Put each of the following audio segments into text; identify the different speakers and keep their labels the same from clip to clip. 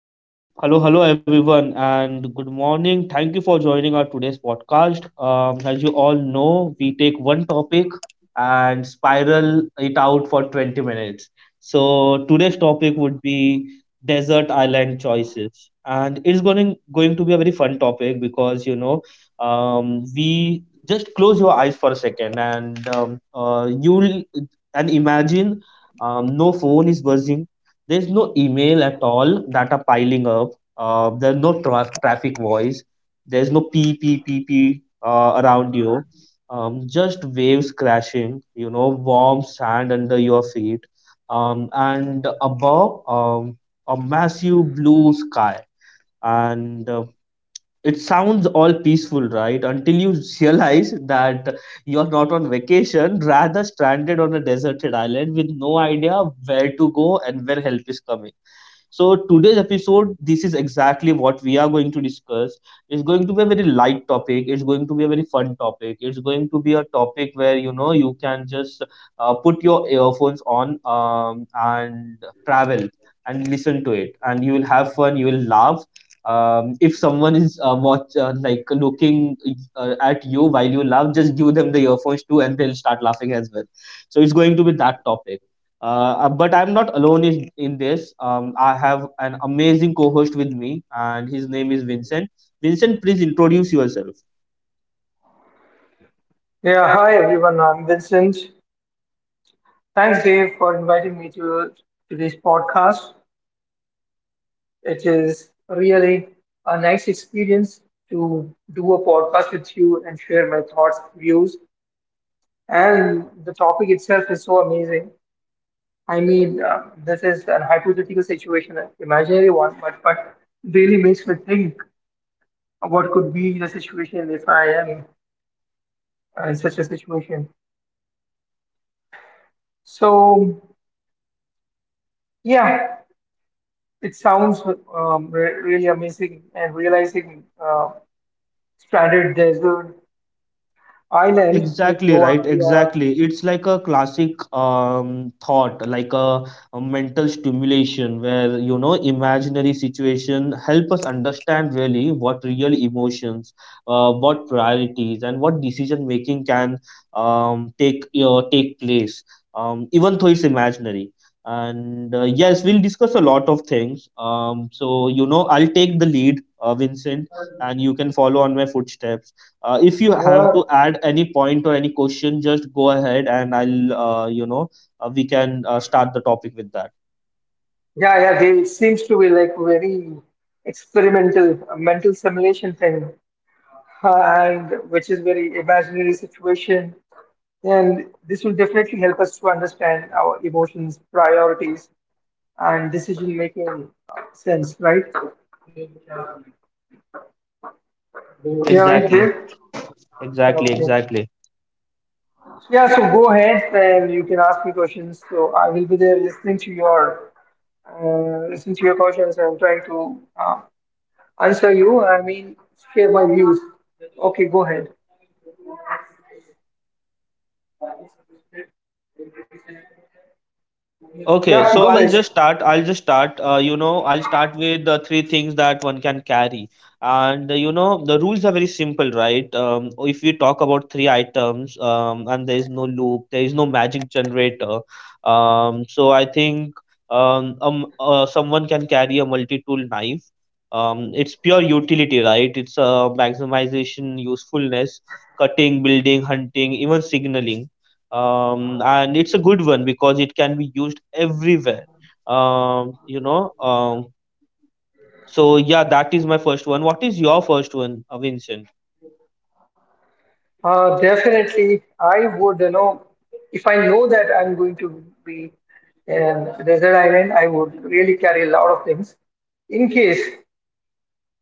Speaker 1: Hello, hello, hello, everyone, and good morning. Thank you for joining our today's podcast. As you all know, we take one topic and spiral it out for 20 minutes. So today's topic would be desert island choices, and it's going to be a very fun topic because we just close your eyes for a second and you'll and imagine. No phone is buzzing, there's no email at all that are piling up. There's no traffic voice. There's no pee pee pee pee around you. Just waves crashing. You know, warm sand under your feet. And above, a massive blue sky. And it sounds all peaceful, right? Until you realize that you're not on vacation, rather stranded on a deserted island with no idea where to go and where help is coming. So today's episode, this is exactly what we are going to discuss. It's going to be a very light topic. It's going to be a very fun topic. It's going to be a topic where you know you can just put your earphones on and travel and listen to it, and you will have fun. You will laugh. If someone is watch like looking at you while you laugh, just give them the earphones too, and they'll start laughing as well. So it's going to be that topic. But I'm not alone in this. I have an amazing co host with me, and his name is Vincent. Vincent, please introduce yourself.
Speaker 2: Yeah, hi everyone. I'm Vincent. Thanks, Dave, for inviting me to this podcast. It is really a nice experience to do a podcast with you and share my thoughts, views, and the topic itself is so amazing. I mean, this is an hypothetical situation, an imaginary one, but really makes me think what could be the situation if I am in such a situation. So, yeah. It sounds re really amazing and realizing stranded desert island with
Speaker 1: Exactly
Speaker 2: no
Speaker 1: right,
Speaker 2: idea
Speaker 1: exactly. It's like a classic thought, a mental stimulation where, you know, imaginary situation help us understand really what real emotions, what priorities and what decision making can take place, even though it's imaginary. And yes, we'll discuss a lot of things. So, you know, I'll take the lead, Vincent, and you can follow on my footsteps. If you have
Speaker 2: where.
Speaker 1: to add any point or any question, just go ahead and I'll you know, we can start the topic with that.
Speaker 2: Yeah, yeah, they, it seems to be like very experimental, a mental simulation thing, uh, and which is very imaginary situation. And this will definitely help us to understand our emotions, priorities, and decision making sense, right? Yeah, right
Speaker 1: Exactly,
Speaker 2: there.
Speaker 1: exactly,
Speaker 2: Okay.
Speaker 1: exactly.
Speaker 2: Yeah, so go ahead and you can ask me questions. So I will be there listening to your questions. I'm trying to answer you. I mean, share my views. Okay, go ahead.
Speaker 1: Okay,
Speaker 2: Yeah,
Speaker 1: so
Speaker 2: go
Speaker 1: I'll
Speaker 2: ahead.
Speaker 1: just start. I'll just start. You know, I'll start with the three things that one can carry. And you know, the rules are very simple, right? If we talk about three items, and there is no loop, there is no magic generator. So I think someone can carry a multi-tool knife. It's pure utility, right? It's maximization, usefulness, cutting, building, hunting, even signaling, and it's a good one because it can be used everywhere. um, you know um, so yeah, that is my first one. What is your first one, Vincent?
Speaker 2: Definitely, I would. You know, if I know that I'm going to be in a desert island, I would really carry a lot of things. In case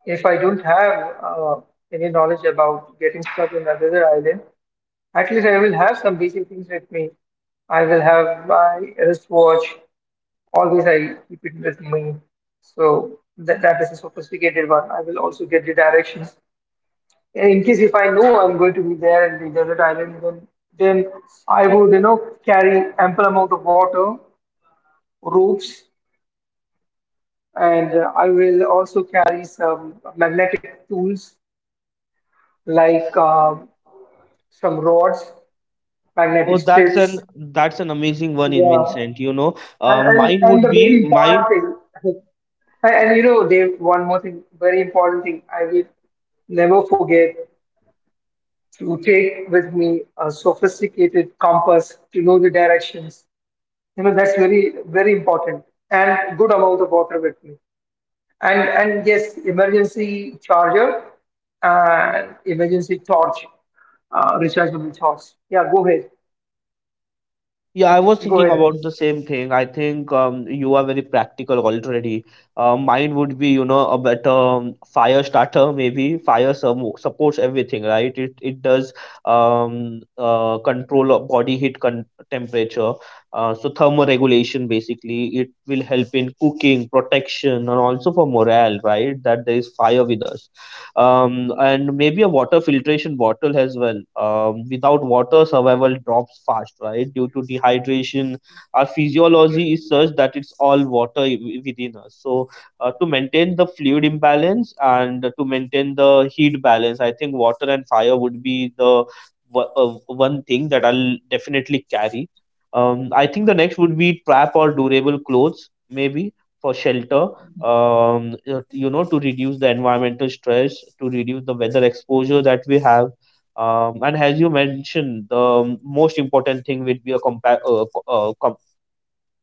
Speaker 2: if I don't have any knowledge about getting stuck in a desert island, at least I will have some basic things with me. I will have my wristwatch. Always I keep it with me. So that, that is a sophisticated one. I will also get the directions. And in case if I know I'm going to be there in the desert island, then I would, you know, carry ample amount of water, ropes, and I will also carry some magnetic tools like some rods,
Speaker 1: Oh,
Speaker 2: magnetic
Speaker 1: that's an,
Speaker 2: strips.
Speaker 1: that's an amazing one in
Speaker 2: Yeah.
Speaker 1: Vincent, you know, mine
Speaker 2: And
Speaker 1: would
Speaker 2: the
Speaker 1: be
Speaker 2: very important
Speaker 1: mine.
Speaker 2: thing, and you know, Dave, one more thing, very important thing, I will never forget to take with me a sophisticated compass to know the directions. You know, that's very, very important. And good amount of water with me. And yes, emergency charger and emergency torch, rechargeable torch. Yeah, go ahead.
Speaker 1: Yeah, I was
Speaker 2: Go
Speaker 1: thinking
Speaker 2: ahead.
Speaker 1: about the same thing. I think you are very practical already. Mine would be, you know, a better fire starter, maybe. Fire supports everything, right? It does control of body heat temperature. So thermoregulation, basically, it will help in cooking, protection, and also for morale, right? That there is fire with us, and maybe a water filtration bottle as well. Without water, survival drops fast, right? Due to dehydration, our physiology is such that it's all water within us. So, to maintain the fluid imbalance and to maintain the heat balance, I think water and fire would be the wo- uh, one thing that I'll definitely carry. I think the next would be trap or durable clothes, maybe for shelter, you know, to reduce the environmental stress, to reduce the weather exposure that we have. And as you mentioned, the most important thing would be a compa- co- com-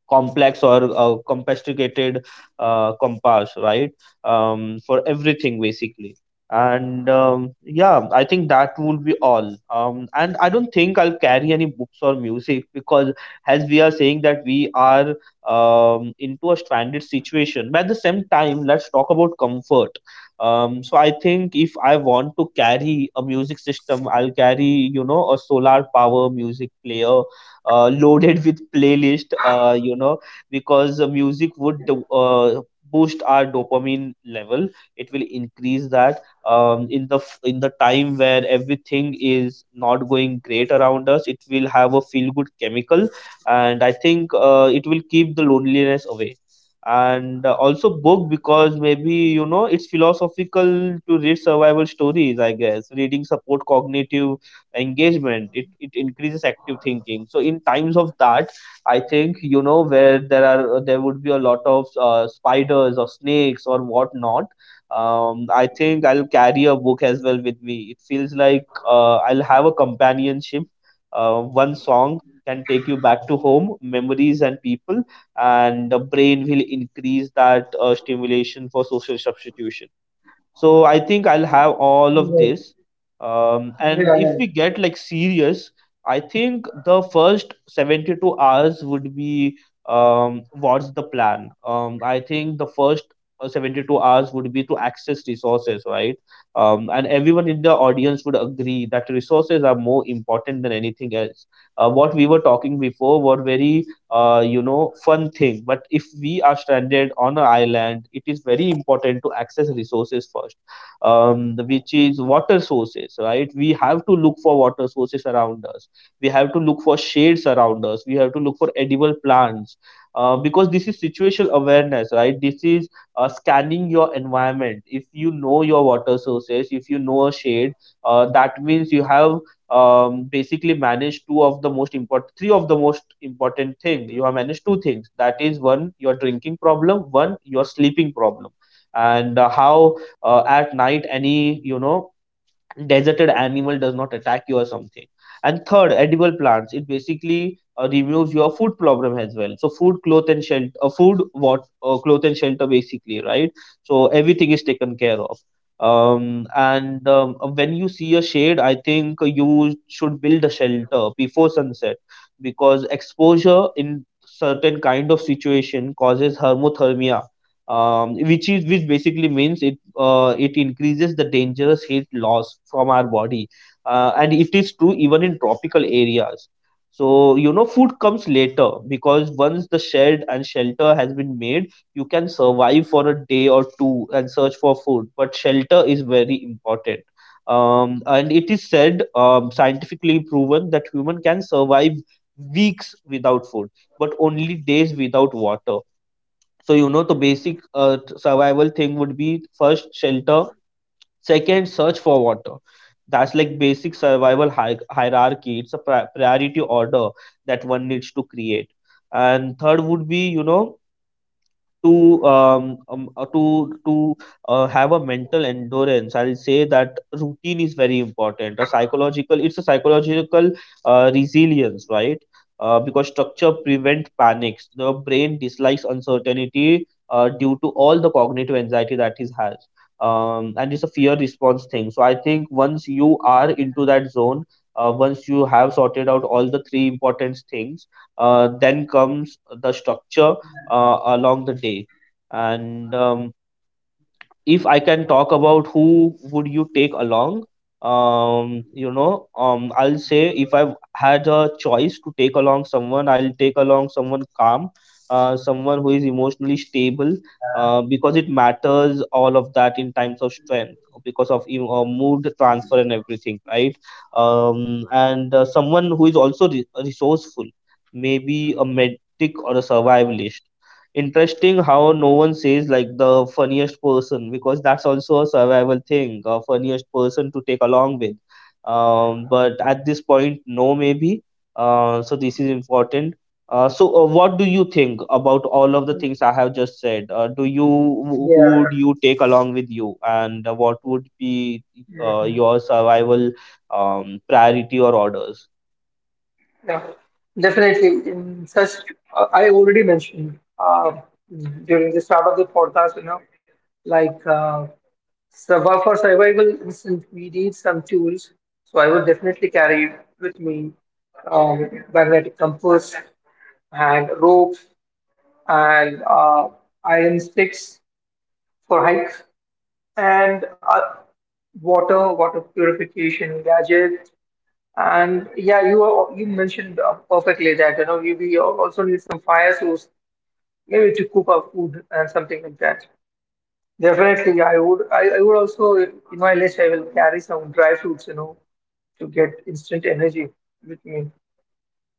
Speaker 1: complex or complicated compass, right? For everything, basically. And Yeah, I think that would be all. And I don't think I'll carry any books or music because, as we are saying that we are into a stranded situation, but at the same time, let's talk about comfort. So I think if I want to carry a music system, I'll carry, you know, a solar power music player loaded with playlist, you know, because the music would boost our dopamine level. It will increase that in the in the time where everything is not going great around us. It will have a feel good chemical, and I think it will keep the loneliness away. And also book, because maybe, you know, it's philosophical to read survival stories. I guess reading support cognitive engagement. It increases active thinking. So in times of that, I think, you know, where there are there would be a lot of spiders or snakes or whatnot. I think I'll carry a book as well with me. It feels like I'll have a companionship. One song can take you back to home memories and people, and the brain will increase that stimulation for social substitution. So I think I'll have all
Speaker 2: Dave. Go
Speaker 1: of
Speaker 2: ahead.
Speaker 1: this. And
Speaker 2: Yeah,
Speaker 1: if we
Speaker 2: yeah.
Speaker 1: get like serious, I think the first 72 hours would be what's the plan. I think the first 72 hours would be to access resources, right? And everyone in the audience would agree that resources are more important than anything else. What we were talking before were very you know, fun thing, but if we are stranded on an island, it is very important to access resources first, which is water sources, right? We have to look for water sources around us, we have to look for shades around us, we have to look for edible plants, because this is situational awareness, right? This is scanning your environment. If you know your water sources, if you know a shade, that means you have basically manage two of the most important, three of the most important thing. You have managed two things, that is, one your drinking problem, one your sleeping problem. And How at night any, you know, deserted animal does not attack you or something. And third, edible plants, it basically removes your food problem as well. So food, cloth and shelter, food, what, cloth and shelter basically, right? So everything is taken care of. And When you see a shade, I think you should build a shelter before sunset, because exposure in certain kind of situation causes hermothermia, which is, which basically means it increases the dangerous heat loss from our body, and it is true even in tropical areas. So, you know, food comes later, because once the shed and shelter has been made, you can survive for a day or two and search for food, but shelter is very important. And it is said, scientifically proven, that human can survive weeks without food, but only days without water. So, you know, the basic survival thing would be first shelter, second search for water. That's like basic survival hierarchy. It's a priority order that one needs to create. And third would be, you know, to have a mental endurance. I'll say that routine is very important, a psychological, it's a psychological resilience, right? Because structure prevent panics. The brain dislikes uncertainty due to all the cognitive anxiety that it has, and it's a fear response thing. So I think once you are into that zone, once you have sorted out all the three important things, then comes the structure along the day. And If I can talk about who would you take along, I'll say if I had a choice to take along someone, I'll take along someone calm, someone who is emotionally stable, because it matters all of that in times of strength, because of mood transfer and everything, right? And someone who is also resourceful, maybe a medic or a survivalist. Interesting how no one says like the funniest person, because that's also a survival thing, a funniest person to take along with. But at this point, no, maybe. So this is important. What do you think about all of the things I have just said? Do you, who would
Speaker 2: Yeah.
Speaker 1: you take along with you, and what would be
Speaker 2: Yeah, yeah, yeah.
Speaker 1: your survival priority or orders?
Speaker 2: Yeah, definitely. In such, I already mentioned during the start of the podcast, you know, like survival for survival, instant, we need some tools. So I will definitely carry with me magnetic compass and rope and iron sticks for hikes and water, water purification gadget. And yeah, you are, you mentioned perfectly that you know you we also need some fire source maybe to cook our food and something like that. Definitely, I would, I would also in my list I will carry some dry fruits, you know, to get instant energy with me.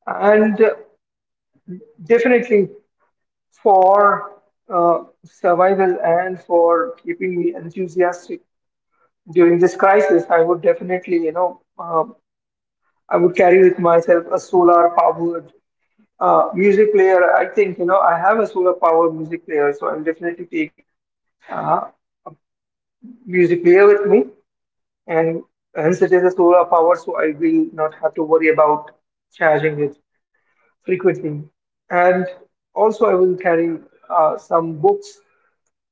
Speaker 2: And definitely for survival and for keeping me enthusiastic during this crisis, I would definitely, you know, I would carry with myself a solar powered music player. I think, you know, I have a solar power music player, so I'll definitely take uh, music player with me. And hence it is a solar power, so I will not have to worry about charging it frequently. And also I will carry some books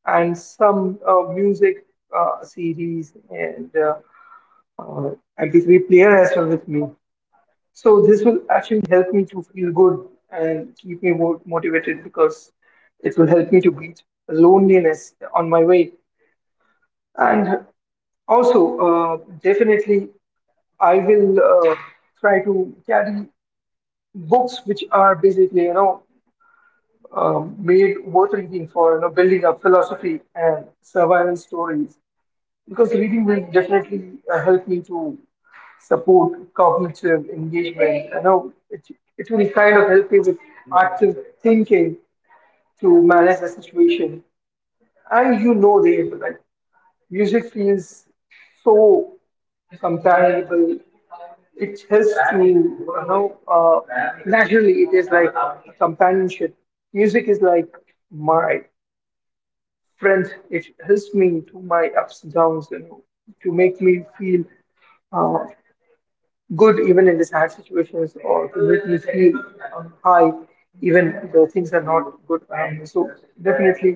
Speaker 2: and some music CDs and uh, MP3 player as well with me. So this will actually help me to feel good and keep me motivated because it will help me to beat loneliness on my way. And also, definitely, I will try to carry books which are basically, you know, made worth reading for, you know, building up philosophy and survival stories, because reading will definitely help me to support, cognitive engagement. You know, it will kind of help you with active thinking to manage the situation. And you know, Dave, like music feels so comparable. It helps to, you know, naturally it is like companionship. Music is like my friend. It helps me through my ups and downs, you know, to make me feel uh, good even in the sad situations, or to make me feel high even though things are not good around me. So definitely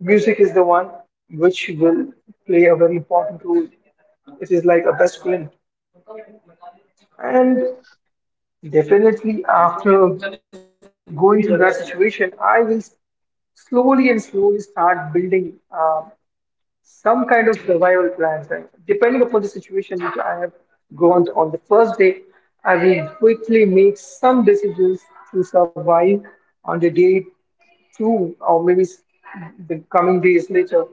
Speaker 2: music is the one which will play a very important role. It is like a best friend. And definitely after going through that situation, I will slowly and slowly start building some kind of survival plans. And depending upon the situation which I have gone to on the first day, I will quickly make some decisions to survive on the day two, or maybe the coming days later.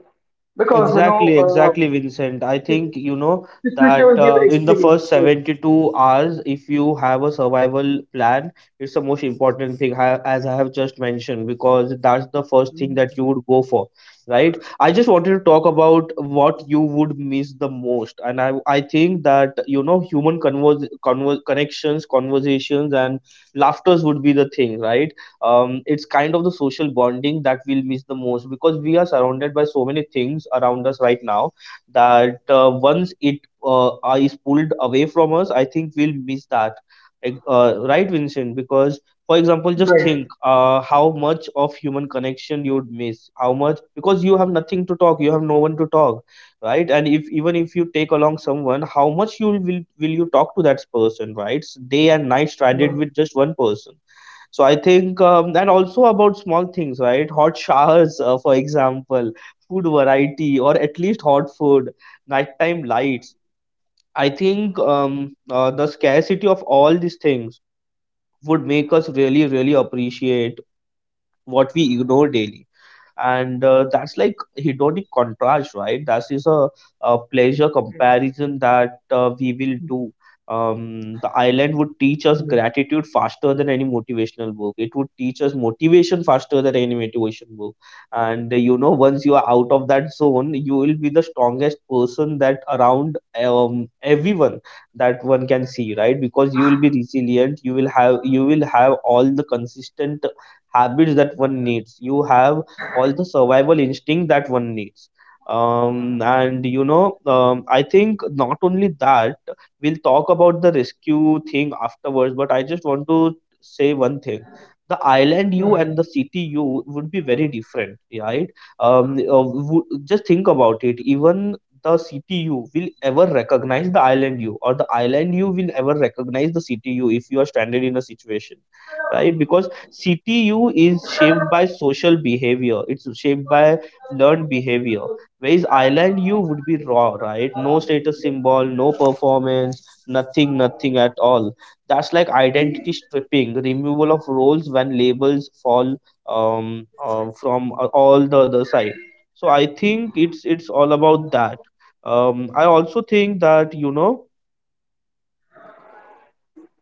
Speaker 2: Because, you know,
Speaker 1: Exactly,
Speaker 2: uh,
Speaker 1: exactly, Vincent. I
Speaker 2: the
Speaker 1: think you know
Speaker 2: the situation
Speaker 1: that
Speaker 2: will give
Speaker 1: in the
Speaker 2: experience.
Speaker 1: first
Speaker 2: So,
Speaker 1: 72 hours, if you have a survival plan, it's the most important thing, as I have just mentioned, because that's the first thing that you would go for, right? I just wanted to talk about what you would miss the most, and I think that you know human connections, conversations, and laughters would be the thing, right? It's kind of the social bonding that we'll miss the most because we are surrounded by so many things around us right now that once it is pulled away from us, I think we'll miss that. Like, right, Vincent? Because, for example, just think
Speaker 2: right.
Speaker 1: how much of human connection you'd miss. How much? Because you have nothing to talk, you have no one to talk, right? And if even if you take along someone, how much you will you talk to that person, right? So day and night stranded with just one person, so I think, and also about small things, right? Hot showers, for example, food variety, or at least hot food, nighttime lights. I think the scarcity of all these things would make us really, really appreciate what we ignore daily, and that's like hedonic contrast, right? That is a pleasure comparison that we will do. The island would teach us gratitude faster than any motivational book. It would teach us motivation faster than any motivation book. And you know, once you are out of that zone, you will be the strongest person that around everyone that one can see, right? Because you will be resilient, you will have all the consistent habits that one needs. You have all the survival instinct that one needs. And you know, I think not only that, we'll talk about the rescue thing afterwards, but I just want to say one thing. The island you and the city you would be very different, right? Just think about it. Even the city you will ever recognize the island you, or the island you will ever recognize the city you if you are stranded in a situation, right? Because CTU is shaped by social behavior. It's shaped by learned behavior. Whereas island U would be raw, right? No status symbol, no performance, nothing, nothing at all. That's like identity stripping, removal of roles when labels fall from all the other side. So I think it's all about that. I also think that you know,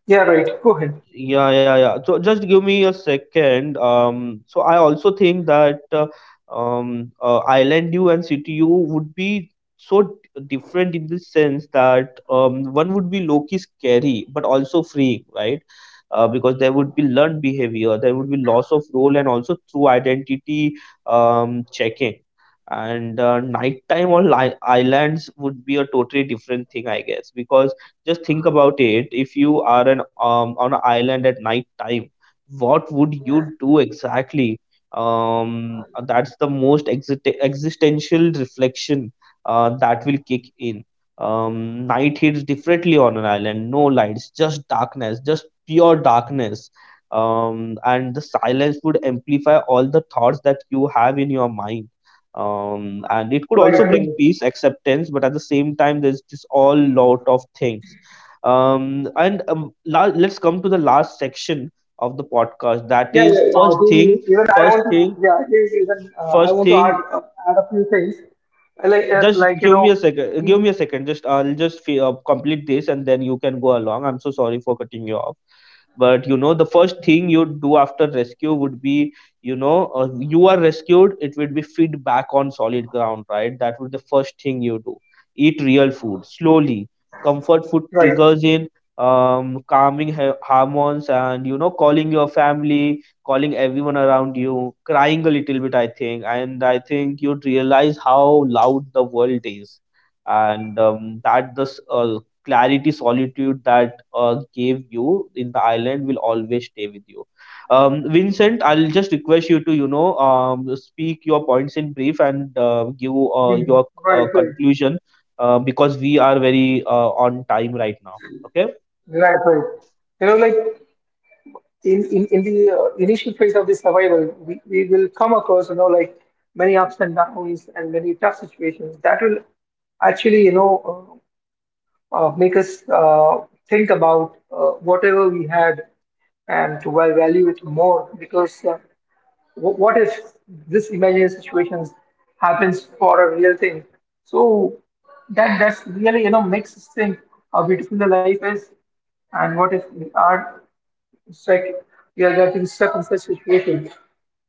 Speaker 2: Yeah, right. Go ahead.
Speaker 1: yeah, yeah, yeah. So just give me a second. So I also think that Island U and City U would be so different in the sense that one would be low-key scary but also freeing, right? Because there would be learned behavior, there would be loss of role, and also through identity, checking. And nighttime on li islands would be a totally different thing, I guess, because just think about it. If you are an on an island at night time, what would you do exactly? That's the most existential reflection that will kick in. Night hits differently on an island. No lights, just darkness, just pure darkness. And the silence would amplify all the thoughts that you have in your mind. And it could
Speaker 2: Right,
Speaker 1: also bring
Speaker 2: right.
Speaker 1: peace, acceptance, but at the same time there's this all lot of things. And let's come to the last section of the podcast. That
Speaker 2: Yeah,
Speaker 1: is
Speaker 2: yeah, yeah.
Speaker 1: first
Speaker 2: Jim,
Speaker 1: thing,
Speaker 2: even I
Speaker 1: first
Speaker 2: want to,
Speaker 1: thing,
Speaker 2: yeah, Jim, even I
Speaker 1: first
Speaker 2: want to add
Speaker 1: thing.
Speaker 2: add a few things.
Speaker 1: Just
Speaker 2: Like you
Speaker 1: give me a
Speaker 2: know,
Speaker 1: second. Give me a
Speaker 2: in-
Speaker 1: second. Just I'll just complete this, and then you can go along. I'm so sorry for cutting you off. But you know, the first thing you'd do after rescue would be, you know, you are rescued, it would be feed back on solid ground, right? That would be the first thing you do. Eat real food slowly. Comfort food
Speaker 2: right,
Speaker 1: triggers in calming ha- hormones. And you know, calling your family, calling everyone around you, crying a little bit, I think. And I think you'd realize how loud the world is. And that this clarity solitude that gave you in the island will always stay with you. Vincent, I'll just request you to, you know, speak your points in brief and give
Speaker 2: Jim,
Speaker 1: your
Speaker 2: right, right,
Speaker 1: conclusion, because we are very on time right now. Okay.
Speaker 2: right, right. You know, like in the initial phase of the survival, we will come across, you know, like many ups and downs and many tough situations that will actually, you know, make us think about whatever we had and to value it more, because. What if this imaginary situation happens for a real thing? So that that's really, you know, makes us think how beautiful the life is, and what if we are stuck? We are getting stuck in such situation,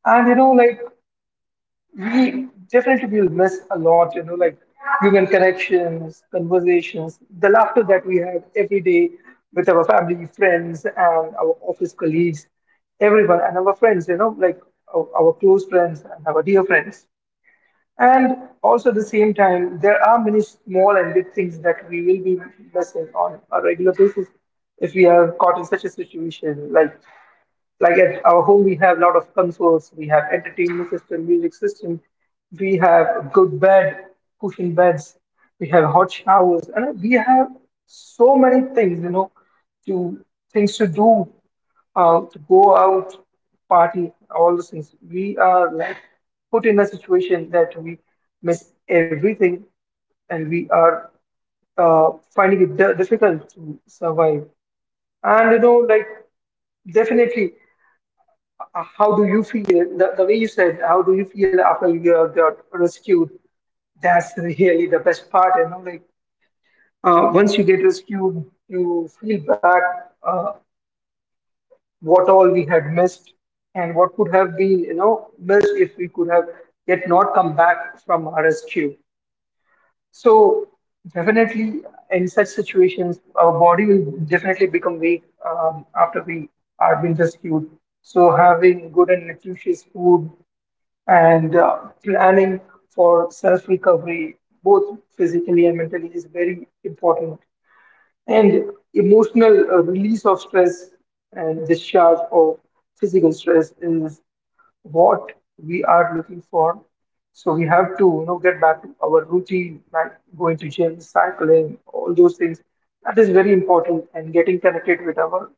Speaker 2: and you know like we definitely will miss a lot, you know, like human connections, conversations, the laughter that we have every day with our family, friends, and our office colleagues, everyone, and our friends, you know, like our close friends and our dear friends. And also at the same time, there are many small and big things that we will be missing on a regular basis if we are caught in such a situation. Like at our home we have a lot of consoles, we have entertainment system, music system, we have good bed, cushion beds, we have hot showers, and we have so many things, you know, to things to do, to go out, party, all those things. We are like put in a situation that we miss everything and we are uh, finding it difficult to survive. And you know, like definitely, how do you feel, the way you said how do you feel after you got rescued, that's really the best part, you know, like once you get rescued you feel back uh, what all we had missed and what could have been, you know, missed if we could have yet not come back from our rescue. So definitely in such situations our body will definitely become weak after we are being rescued. So having good and nutritious food and planning for self recovery, both physically and mentally, is very important. And emotional release of stress and discharge of physical stress is what we are looking for. So we have to, you know, get back to our routine, like going to gym, cycling, all those things. That is very important, and getting connected with our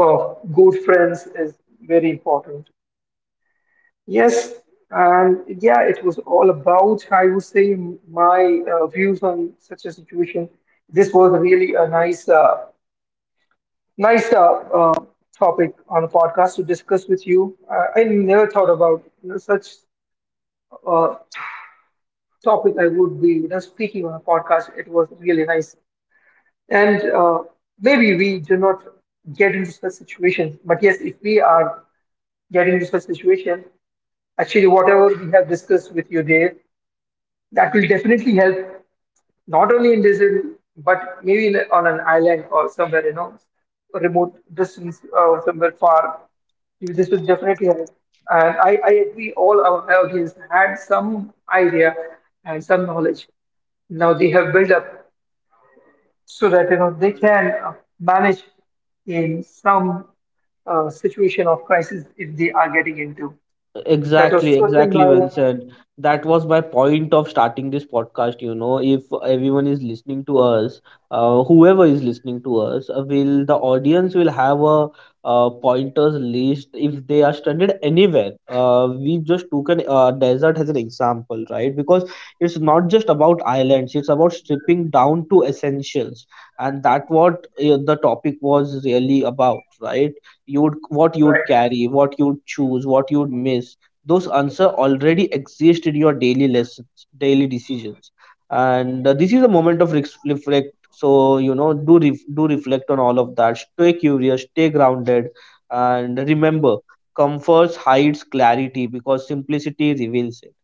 Speaker 2: good friends is very important. Yes, and yeah, it was all about, I would say, my views on such a situation. This was really a nice, nice uh, topic on a podcast to discuss with you. I never thought about, you know, such uh, topic I would be, you know, speaking on a podcast. It was really nice. And maybe we do not get into such situations, but yes, if we are getting into such situation, actually, whatever we have discussed with you, Dave, that will definitely help not only in desert but maybe in, on an island or somewhere, you know, remote distance or somewhere far, this will definitely help. And I agree all our audience had some idea and some knowledge now they have built up, so that you know they can manage in some situation of crisis if they are getting into that
Speaker 1: Exactly,
Speaker 2: was certain
Speaker 1: exactly,
Speaker 2: by
Speaker 1: Vincent. That was my point of starting this podcast. You know, if everyone is listening to us, whoever is listening to us, will the audience will have a pointers list if they are stranded anywhere. We just took an desert as an example, right? Because it's not just about islands; it's about stripping down to essentials, and that what the topic was really about, right? You would, what you would
Speaker 2: right.
Speaker 1: carry, what you would choose, what you would miss. Those answers already exist in your daily lessons, daily decisions, and this is a moment of reflect. So you know, do do reflect on all of that. Stay curious, stay grounded, and remember, comfort hides clarity because simplicity reveals it.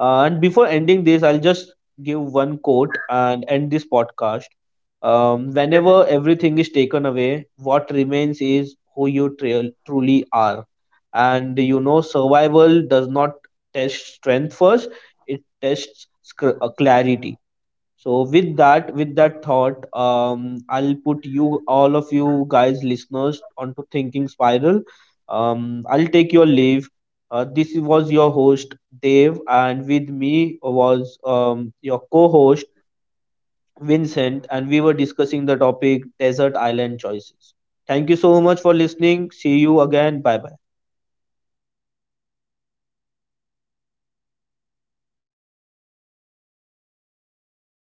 Speaker 1: And before ending this, I'll just give one quote and end this podcast. Whenever
Speaker 2: Okay.
Speaker 1: everything is taken away, what remains is who you trail, truly are. And you know, survival does not test strength first; it tests clarity. So, with that thought, I'll put you, all of you guys, listeners, onto thinking spiral. I'll take your leave. This was your host Dave, and with me was your co-host Vincent, and we were discussing the topic desert island choices. Thank you so much for listening. See you again. Bye bye.